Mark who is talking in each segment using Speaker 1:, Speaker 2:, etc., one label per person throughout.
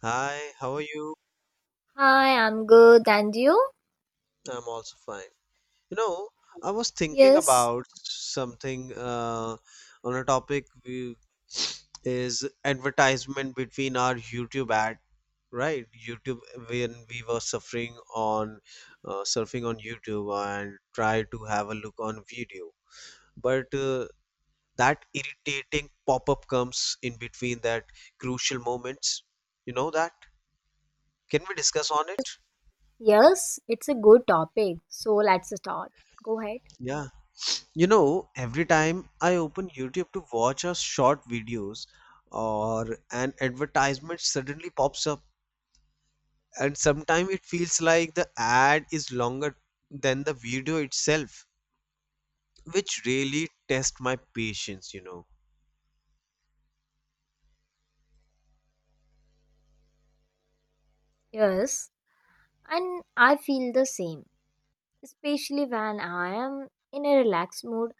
Speaker 1: Hi, how are you?
Speaker 2: Hi, I'm good. And you?
Speaker 1: I'm also fine. You know, I was thinking
Speaker 2: Yes,
Speaker 1: about something on a topic is advertisement between our YouTube ad, right? YouTube when we were suffering on surfing on YouTube and try to have a look on video, but that irritating pop-up comes in between that crucial moments. You know that? Can we discuss on it?
Speaker 2: yes, it's a good topic. So let's start. Go ahead.
Speaker 1: Yeah. You know, every time I open YouTube to watch a short videos or an advertisement suddenly pops up and sometimes it feels like the ad is longer than the video itself, which really tests my patience,
Speaker 2: Yes, and I feel the same, especially when I am in a relaxed mood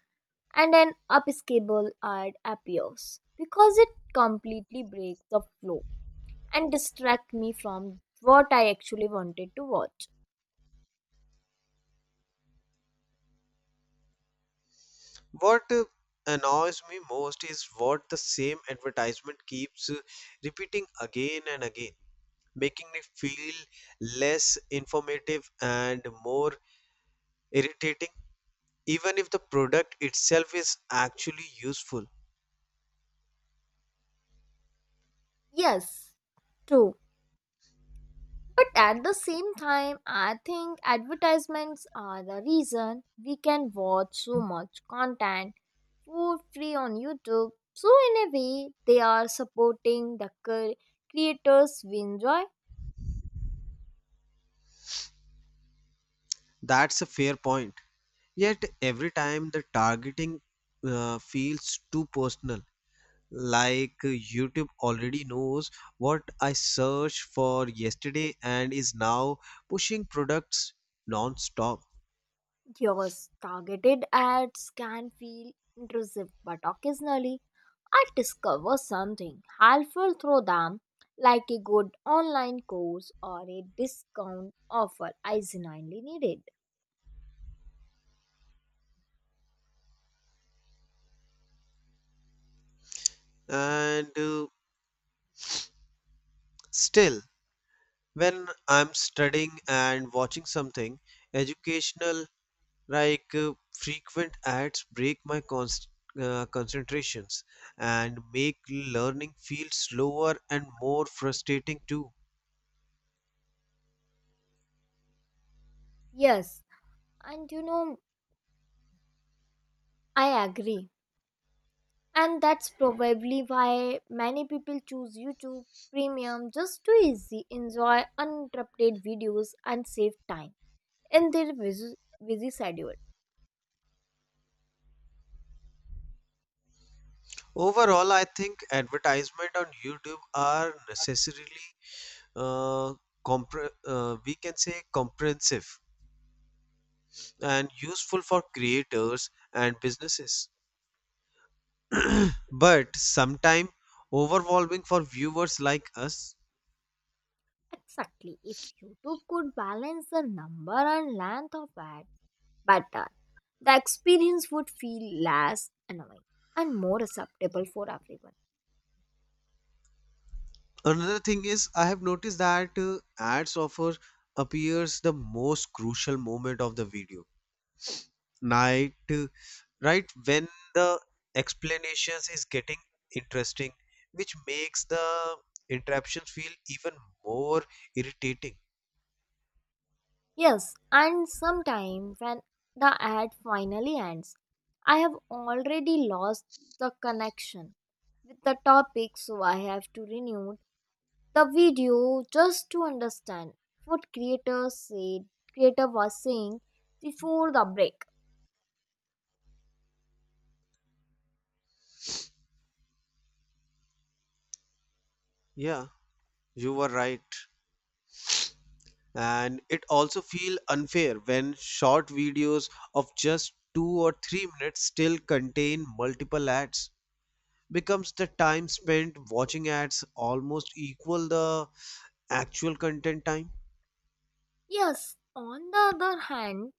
Speaker 2: and an upskable ad appears because it completely breaks the flow and distracts me from what I actually wanted to watch.
Speaker 1: What annoys me most is what the same advertisement keeps repeating again and again, making me feel less informative and more irritating even if the product itself is actually useful.
Speaker 2: Yes, true. But at the same time, I think advertisements are the reason we can watch so much content for free on YouTube. So, in a way, they are supporting the creators we enjoy.
Speaker 1: That's a fair point. Yet, every time the targeting feels too personal, like YouTube already knows what I searched for yesterday and is now pushing products non stop.
Speaker 2: Yours. Targeted ads can feel intrusive, but occasionally I discover something helpful through them, like a good online course or a discount offer I genuinely needed.
Speaker 1: And Still, when I'm studying and watching something educational. Like frequent ads break my concentrations and make learning feel slower and more frustrating too.
Speaker 2: Yes, and you know, I agree. And that's probably why many people choose YouTube Premium just to easy enjoy uninterrupted videos and save time in their busy schedule.
Speaker 1: Overall, I think advertisement on YouTube are necessarily uh, we can say comprehensive and useful for creators and businesses, but sometimes overwhelming for viewers like us.
Speaker 2: Exactly. If YouTube could balance the number and length of ads better, the experience would feel less annoying and more acceptable for everyone.
Speaker 1: Another thing is I have noticed that ads offer appears the most crucial moment of the video. Night Right when the explanations is getting interesting which makes the interruptions feel even more irritating.
Speaker 2: Yes, and sometimes when the ad finally ends, I have already lost the connection with the topic, so I have to renew the video just to understand what creator was saying before the break.
Speaker 1: Yeah, you were right. And it also feel unfair when short videos of just 2 or 3 minutes still contain multiple ads becomes the time spent watching ads almost equal the actual content time.
Speaker 2: Yes, on the other hand,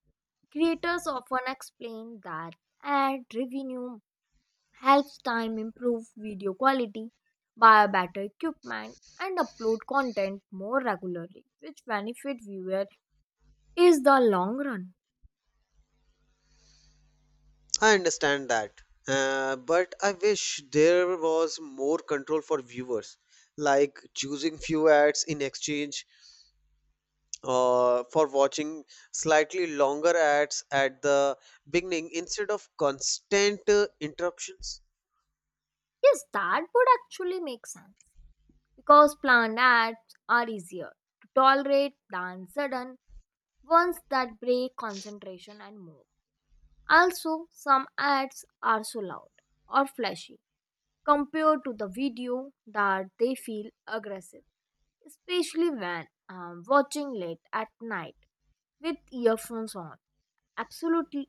Speaker 2: creators often explain that ad revenue helps time improve video quality, buy a better equipment, and upload content more regularly, which benefit viewer is the long run.
Speaker 1: I understand that, but I wish there was more control for viewers, like choosing few ads in exchange for watching slightly longer ads at the beginning instead of constant interruptions.
Speaker 2: Yes, that would actually make sense because planned ads are easier to tolerate than sudden ones that break concentration and mood. Also, some ads are so loud or flashy compared to the video that they feel aggressive, especially when watching late at night with earphones on. Absolutely,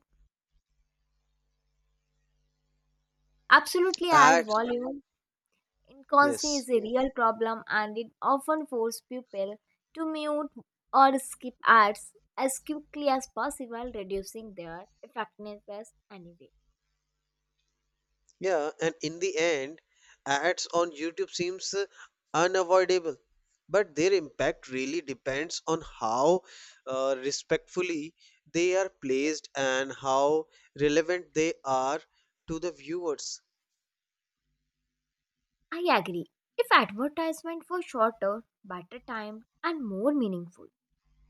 Speaker 2: absolutely, ad
Speaker 1: Ads,
Speaker 2: volume inconstancy
Speaker 1: yes.
Speaker 2: is a real problem and it often forces people to mute or skip ads as quickly as possible, reducing their effectiveness anyway.
Speaker 1: Yeah, and in the end, ads on YouTube seems unavoidable, but their impact really depends on how respectfully they are placed and how relevant they are to the viewers.
Speaker 2: I agree. If advertisement were shorter, better timed, and more meaningful,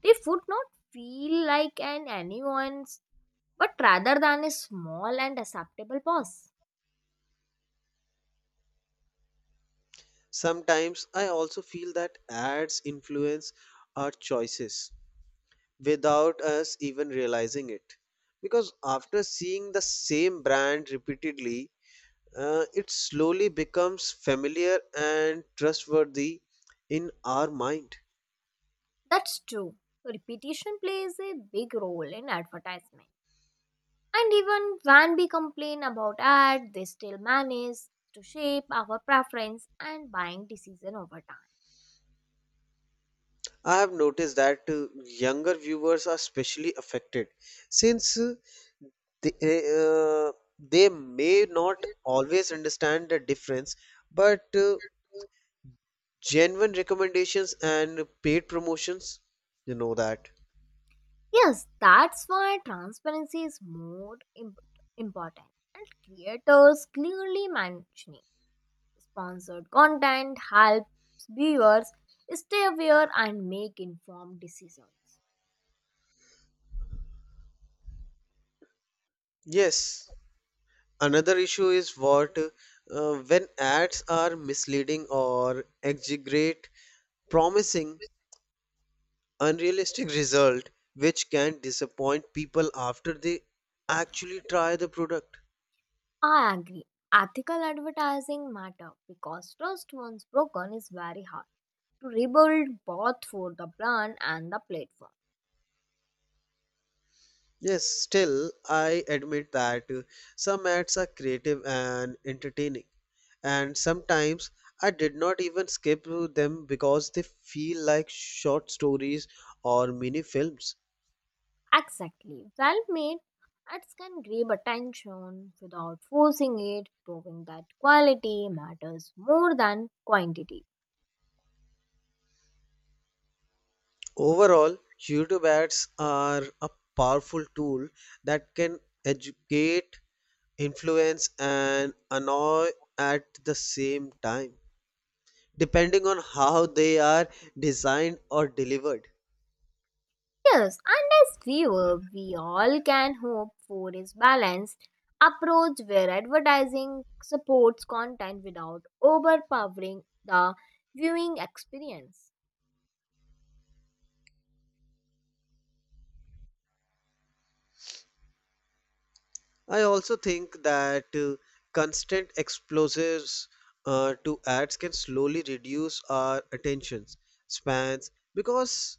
Speaker 2: they would not feel like an anyone's, but rather than a small and acceptable boss.
Speaker 1: Sometimes I also feel that ads influence our choices without us even realizing it. Because after seeing the same brand repeatedly, it slowly becomes familiar and trustworthy in our mind.
Speaker 2: That's true. Repetition plays a big role in advertisement. And even when we complain about ads, they still manage to shape our preference and buying decision over time.
Speaker 1: I have noticed that younger viewers are especially affected since they, uh, they may not always understand the difference, but genuine recommendations and paid promotions, you know that.
Speaker 2: Yes, that's why transparency is more important. And creators clearly mentioning sponsored content helps viewers stay aware and make informed decisions.
Speaker 1: Yes, another issue is what when ads are misleading or exaggerate promising unrealistic result which can disappoint people after they actually try the product.
Speaker 2: I agree. Ethical advertising matter because trust once broken is very hard to rebuild both for the brand and the platform.
Speaker 1: Yes, still, I admit that some ads are creative and entertaining, and sometimes I did not even skip through them because they feel like short stories or mini films.
Speaker 2: Exactly. Well made ads can grab attention without forcing it, proving that quality matters more than quantity.
Speaker 1: Overall, YouTube ads are a powerful tool that can educate, influence, and annoy at the same time, depending on how they are designed or delivered.
Speaker 2: Yes, and as viewer, we all can hope for is balanced approach where advertising supports content without overpowering the viewing experience.
Speaker 1: I also think that constant explosives to ads can slowly reduce our attention spans because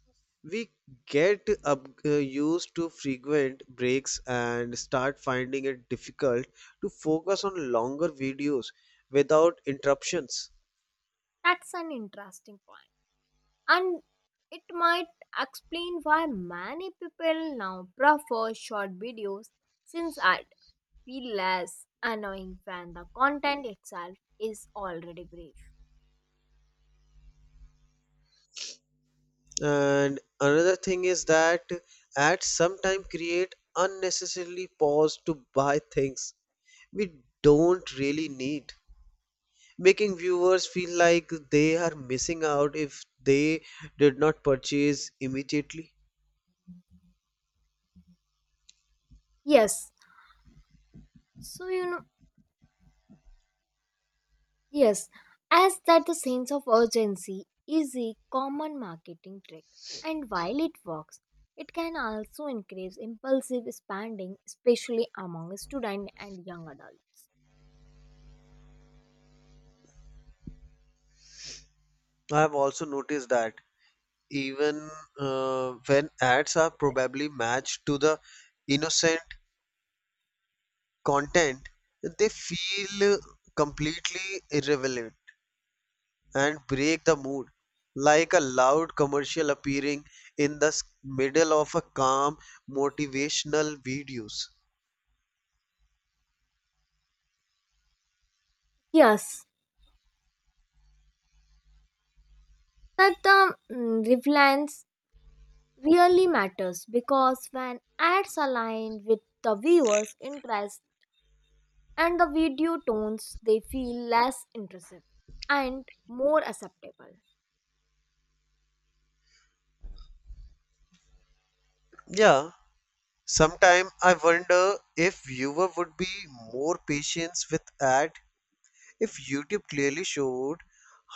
Speaker 1: we get used to frequent breaks and start finding it difficult to focus on longer videos without interruptions.
Speaker 2: That's an interesting point. And it might explain why many people now prefer short videos since it feel less annoying when the content itself is already brief.
Speaker 1: And another thing is that ads sometimes create unnecessarily pause to buy things we don't really need making viewers feel like they are missing out if they did not purchase immediately.
Speaker 2: Yes, so you know, yes, as that the sense of urgency is a common marketing trick, and while it works, it can also increase impulsive spending, especially among students and young adults.
Speaker 1: I have also noticed that even when ads are probably matched to the innocent content, they feel completely irrelevant and break the mood, like a loud commercial appearing in the middle of a calm motivational videos.
Speaker 2: Yes, that the reliance really matters because when ads align with the viewer's interest and the video tones, they feel less intrusive and more acceptable.
Speaker 1: Yeah. Sometimes I wonder if viewer would be more patient with ad if YouTube clearly showed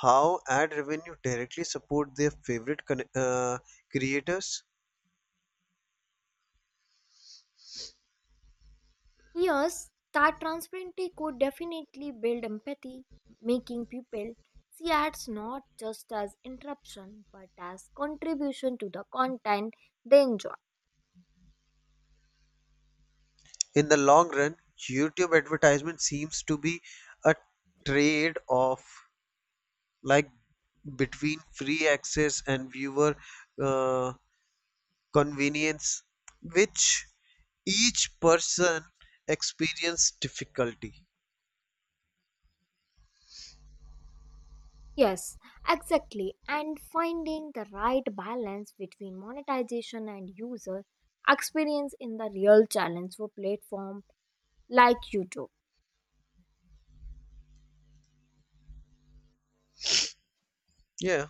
Speaker 1: how ad revenue directly support their favorite creators.
Speaker 2: Yes, that transparency could definitely build empathy, making people see ads not just as interruption but as contribution to the content they enjoy.
Speaker 1: In the long run, YouTube advertisement seems to be a trade-off, like between free access and viewer uh, convenience, which each person experience difficulty.
Speaker 2: Yes, exactly. And finding the right balance between monetization and user experience in the real challenge for platform like YouTube.
Speaker 1: Yeah.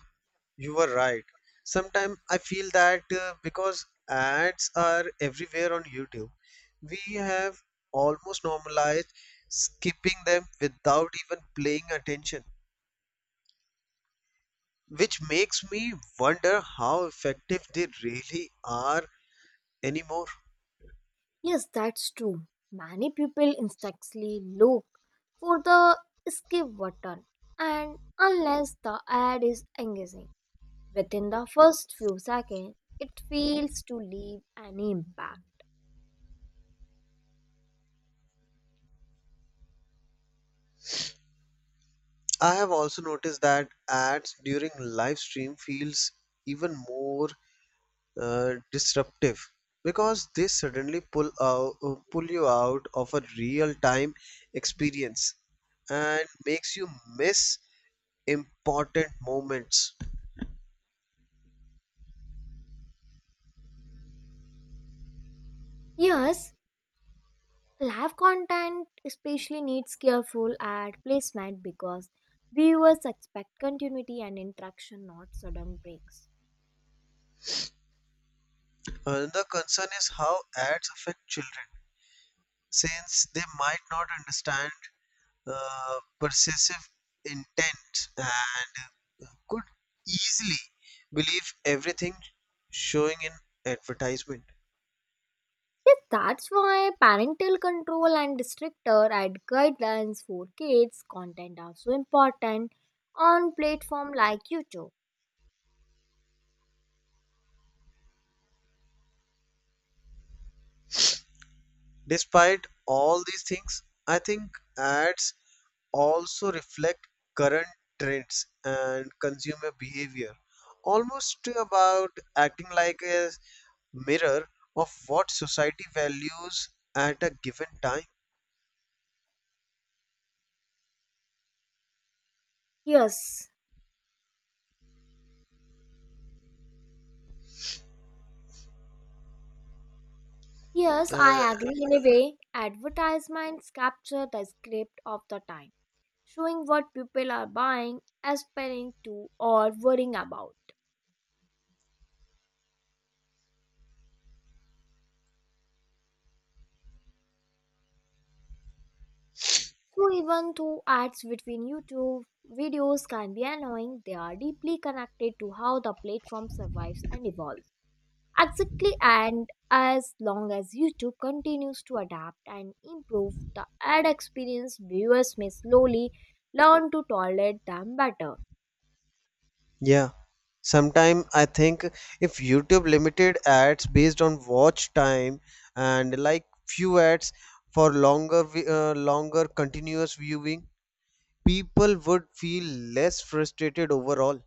Speaker 1: You were right. Sometimes I feel that because ads are everywhere on YouTube, we have almost normalized skipping them without even paying attention, which makes me wonder how effective they really are anymore.
Speaker 2: Yes, that's true. Many people instantly look for the skip button and unless the ad is engaging within the first few seconds, it fails to leave any impact.
Speaker 1: I have also noticed that ads during live stream feels even more disruptive because they suddenly pull you out of a real time experience and makes you miss important moments.
Speaker 2: Yes, live content especially needs careful ad placement because viewers expect continuity and interaction, not sudden breaks.
Speaker 1: Another concern is how ads affect children, since they might not understand persuasive intent and could easily believe everything showing in advertisement.
Speaker 2: Yes, that's why parental control and stricter ad guidelines for kids content are so important on platform like YouTube.
Speaker 1: Despite all these things, I think ads also reflect current trends and consumer behavior, almost about acting like a mirror of what society values at a given time.
Speaker 2: Yes, yes,
Speaker 1: Uh,
Speaker 2: I agree in a way. Advertisements capture the script of the time, showing what people are buying, aspiring to, or worrying about. So even though ads between YouTube videos can be annoying, they are deeply connected to how the platform survives and evolves. Exactly, and as long as YouTube continues to adapt and improve the ad experience, viewers may slowly learn to tolerate them better.
Speaker 1: yeah, sometimes I think if YouTube limited ads based on watch time and like few ads for longer, longer continuous viewing, people would feel less frustrated overall.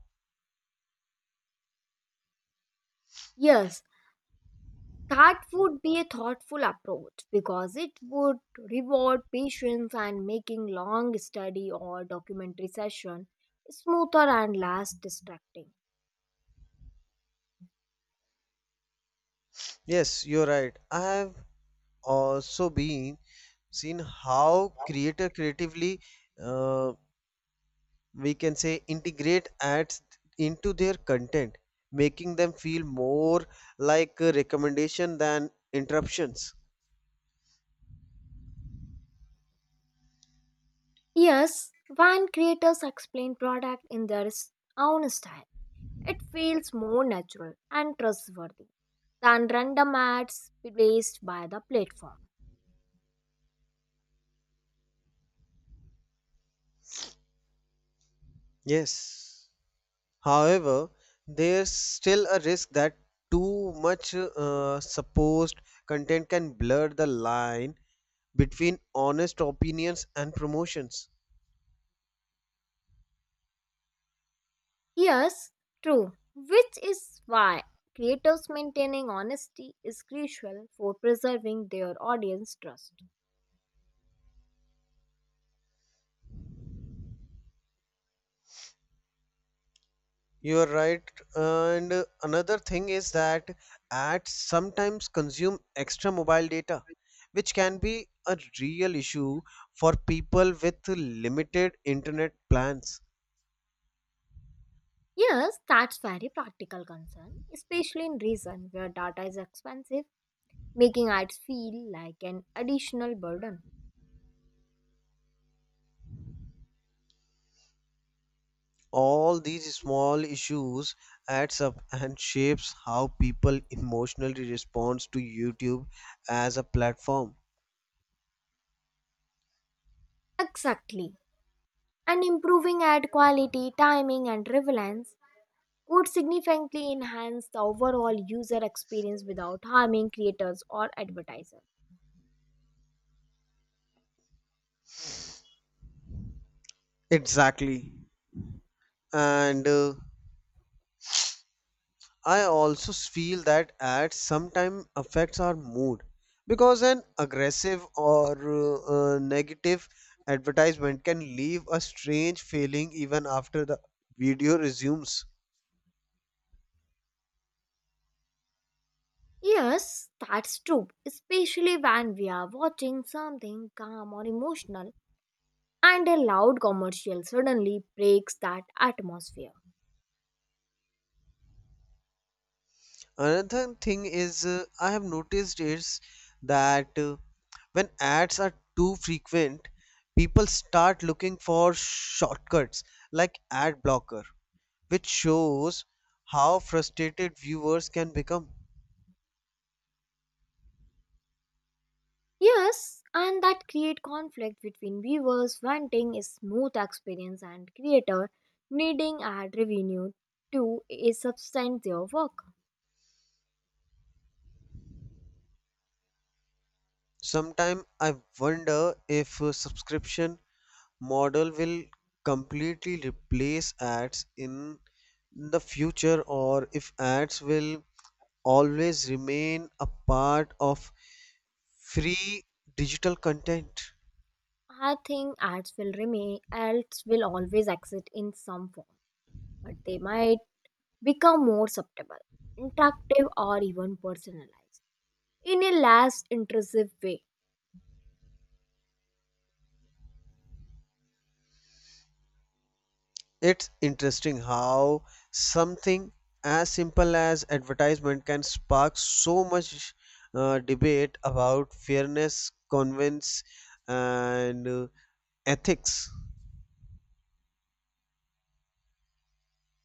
Speaker 2: Yes, that would be a thoughtful approach because it would reward patience and making long study or documentary session smoother and less distracting.
Speaker 1: Yes, you're right. I have also been seen how creator creatively uh, we can say integrate ads into their content, making them feel more like a recommendation than interruptions.
Speaker 2: Yes, when creators explain product in their own style, it feels more natural and trustworthy than random ads placed by the platform.
Speaker 1: Yes. However, there's still a risk that too much supposed content can blur the line between honest opinions and promotions.
Speaker 2: Yes, true, which is why creators maintaining honesty is crucial for preserving their audience trust.
Speaker 1: You are right. And another thing is that ads sometimes consume extra mobile data, which can be a real issue for people with limited internet plans.
Speaker 2: Yes, that's very practical concern, especially in reason where data is expensive, making ads feel like an additional burden.
Speaker 1: All these small issues adds up and shapes how people emotionally responds to YouTube as a platform.
Speaker 2: Exactly. And improving ad quality, timing, and relevance would significantly enhance the overall user experience without harming creators or advertisers.
Speaker 1: Exactly. And I also feel that ads sometimes affects our mood because an aggressive or negative advertisement can leave a strange feeling even after the video resumes.
Speaker 2: Yes, that's true, especially when we are watching something calm or emotional and a loud commercial suddenly breaks that atmosphere.
Speaker 1: Another thing is I have noticed is that when ads are too frequent, people start looking for shortcuts like ad blocker, which shows how frustrated viewers can become.
Speaker 2: Yes, and that create conflict between viewers wanting a smooth experience and creator needing ad revenue to a substantial work.
Speaker 1: Sometime I wonder if a subscription model will completely replace ads in the future or if ads will always remain a part of free digital content.
Speaker 2: I think ads will remain, ads will always exist in some form, but they might become more subtle, interactive, or even personalized in a less intrusive way.
Speaker 1: It's interesting how something as simple as advertisement can spark so much debate about fairness, convenience, and ethics.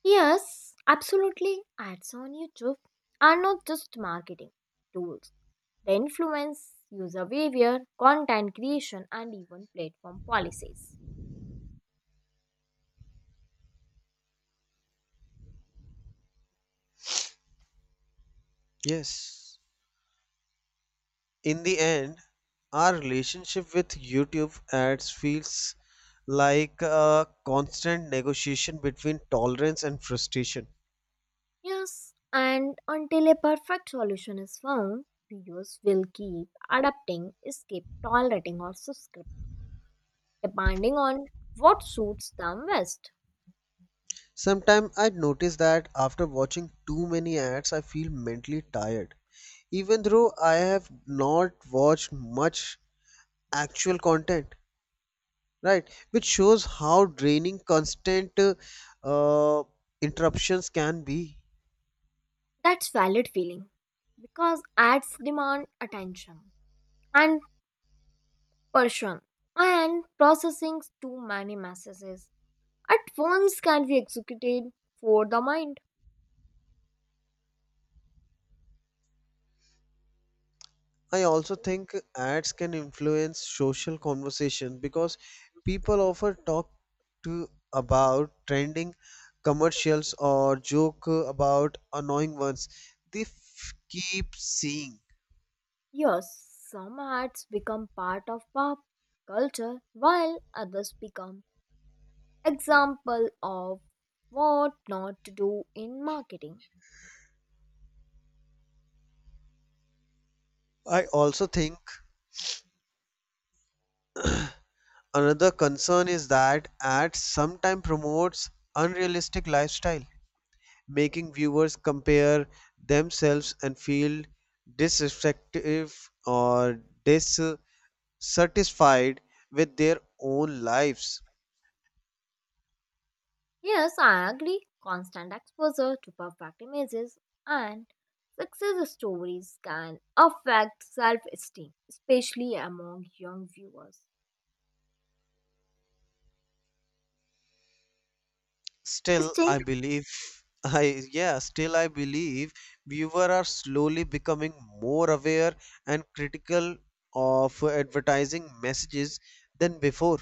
Speaker 2: Yes, absolutely. Ads on YouTube are not just marketing tools, they influence user behavior, content creation, and even platform policies.
Speaker 1: Yes. In the end, our relationship with YouTube ads feels like a constant negotiation between tolerance and frustration.
Speaker 2: Yes, and until a perfect solution is found, viewers will keep adapting, escape tolerating or subscribe, depending on what suits them best.
Speaker 1: Sometimes I notice that after watching too many ads, I feel mentally tired, even though I have not watched much actual content, right? Which shows how draining constant uh, interruptions can be.
Speaker 2: That's valid feeling because ads demand attention and passion and processing too many messages at once can be executed for the mind.
Speaker 1: I also think ads can influence social conversation because people often talk to about trending commercials or joke about annoying ones they keep seeing.
Speaker 2: Yes, some ads become part of pop culture while others become example of what not to do in marketing.
Speaker 1: I also think another concern is that ads sometimes promotes unrealistic lifestyle, making viewers compare themselves and feel disrespective or dis satisfied with their own lives.
Speaker 2: Yes, I agree. Constant exposure to perfect images and success stories can affect self esteem, especially among young viewers.
Speaker 1: Still,
Speaker 2: Still,
Speaker 1: I believe, I yeah, still I believe viewers are slowly becoming more aware and critical of advertising messages than before.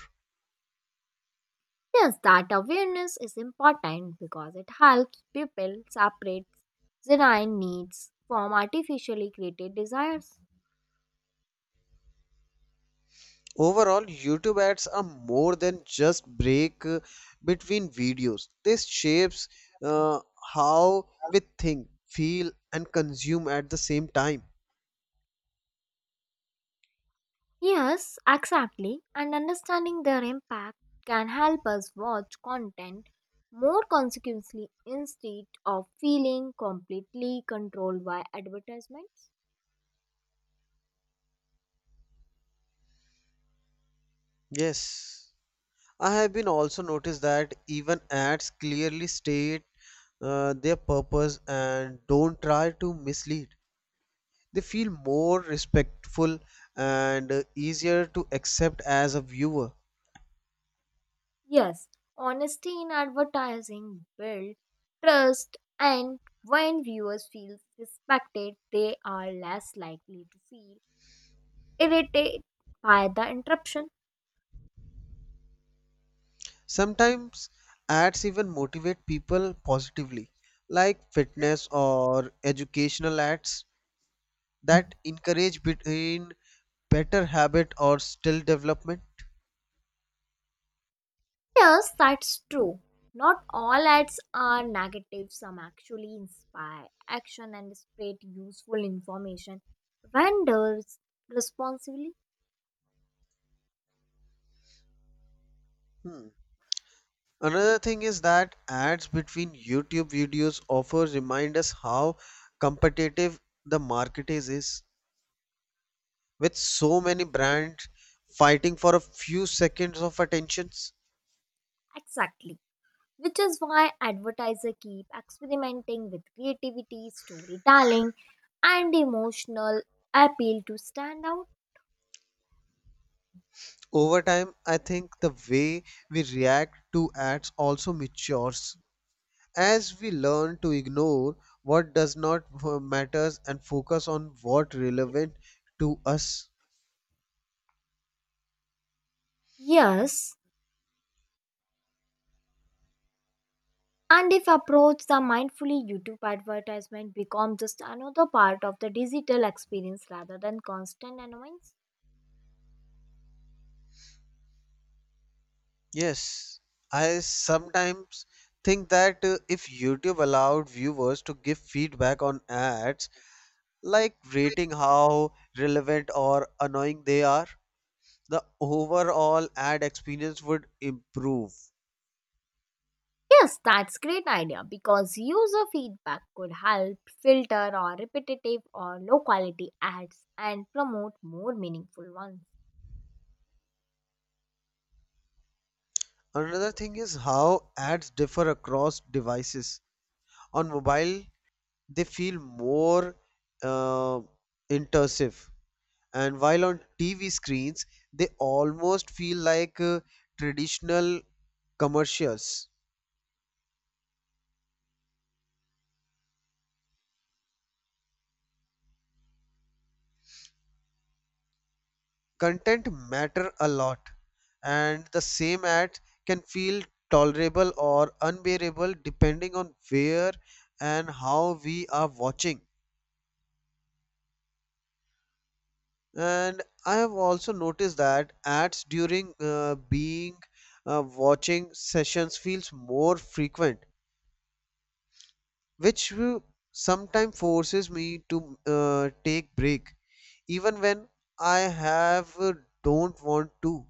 Speaker 2: yes, that awareness is important because it helps people separate genuine needs from artificially created desires.
Speaker 1: Overall, YouTube ads are more than just break between videos. This shapes uh, how we think, feel, and consume at the same time.
Speaker 2: Yes, exactly. And understanding their impact can help us watch content more consequently instead of feeling completely controlled by advertisements.
Speaker 1: Yes. I have been also noticed that even ads clearly state their purpose and don't try to mislead. They feel more respectful and easier to accept as a viewer.
Speaker 2: Yes, honesty in advertising builds trust and when viewers feel respected, they are less likely to feel irritated by the interruption.
Speaker 1: Sometimes ads even motivate people positively, like fitness or educational ads that encourage between better habit or skill development.
Speaker 2: Yes, that's true. Not all ads are negative, some actually inspire action and spread useful information. Vendors responsibly,
Speaker 1: Hmm. Another thing is that ads between YouTube videos offer remind us how competitive the market is with so many brands fighting for a few seconds of attentions.
Speaker 2: exactly. Which is why advertisers keep experimenting with creativity, storytelling, and emotional appeal to stand out.
Speaker 1: Over time, I think the way we react to ads also matures as we learn to ignore what does not matter and focus on what relevant to us.
Speaker 2: Yes, and if approached the mindfully, YouTube advertisement becomes just another part of the digital experience rather than constant annoyance.
Speaker 1: Yes, I sometimes think that if YouTube allowed viewers to give feedback on ads, like rating how relevant or annoying they are, the overall ad experience would improve.
Speaker 2: Yes, that's great idea because user feedback could help filter or repetitive or low quality ads and promote more meaningful ones.
Speaker 1: Another thing is how ads differ across devices. On mobile, they feel more uh, intrusive and while on TV screens, they almost feel like traditional commercials. Content matter a lot, and the same ad can feel tolerable or unbearable depending on where and how we are watching. And I have also noticed that ads during being watching sessions feels more frequent which will sometimes forces me to take break even when I have don't want to.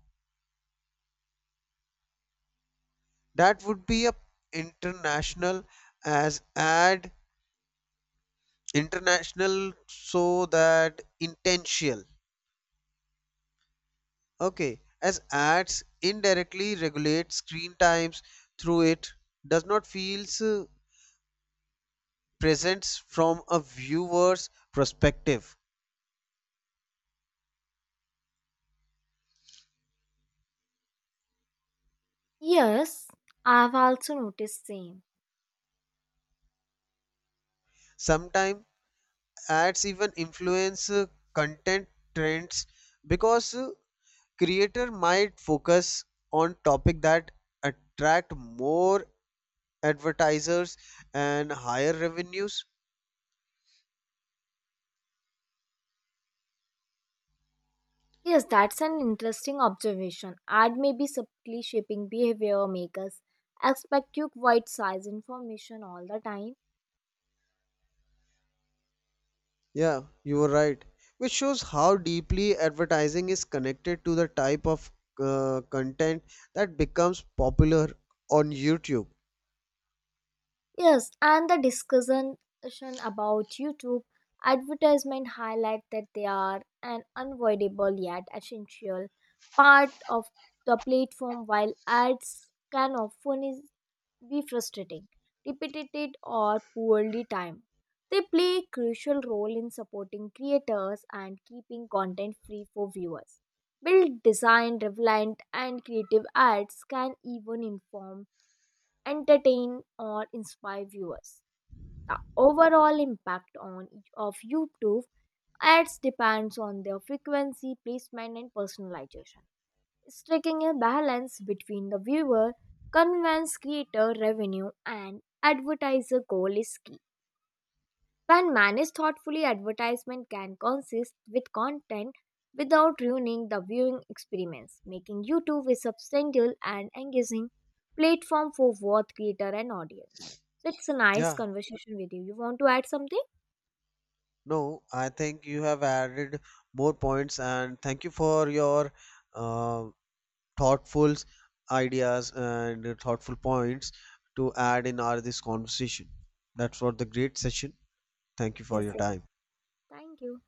Speaker 1: That would be a international as add international so that intentional. Okay, as ads indirectly regulate screen times through it does not feels presents from a viewer's perspective.
Speaker 2: Yes, I've also noticed same.
Speaker 1: Sometimes ads even influence content trends because creator might focus on topic that attract more advertisers and higher revenues.
Speaker 2: Yes, that's an interesting observation. Ad may be subtly shaping behavior makers expect you quite size information all the time.
Speaker 1: Yeah, you were right, which shows how deeply advertising is connected to the type of content that becomes popular on YouTube.
Speaker 2: Yes, and the discussion about YouTube advertisement highlight that they are an unavoidable yet essential part of the platform while ads can often is, be frustrating, repetitive or poorly timed. They play a crucial role in supporting creators and keeping content free for viewers. Build design, relevant and creative ads can even inform, entertain or inspire viewers the overall impact on each of YouTube ads depends on their frequency, placement, and personalization. Striking a balance between the viewer, convenience, creator revenue, and advertiser goal is key. When managed thoughtfully, advertisement can consist with content without ruining the viewing experience, making YouTube a substantial and engaging platform for both creator and audience. So it's a nice
Speaker 1: Yeah,
Speaker 2: conversation with you. You want to add something?
Speaker 1: no, I think you have added more points and thank you for your uh, thoughtful ideas and thoughtful points to add in our this conversation. That's what the great session. Thank you for
Speaker 2: Yes,
Speaker 1: your
Speaker 2: yes.
Speaker 1: time.
Speaker 2: Thank you.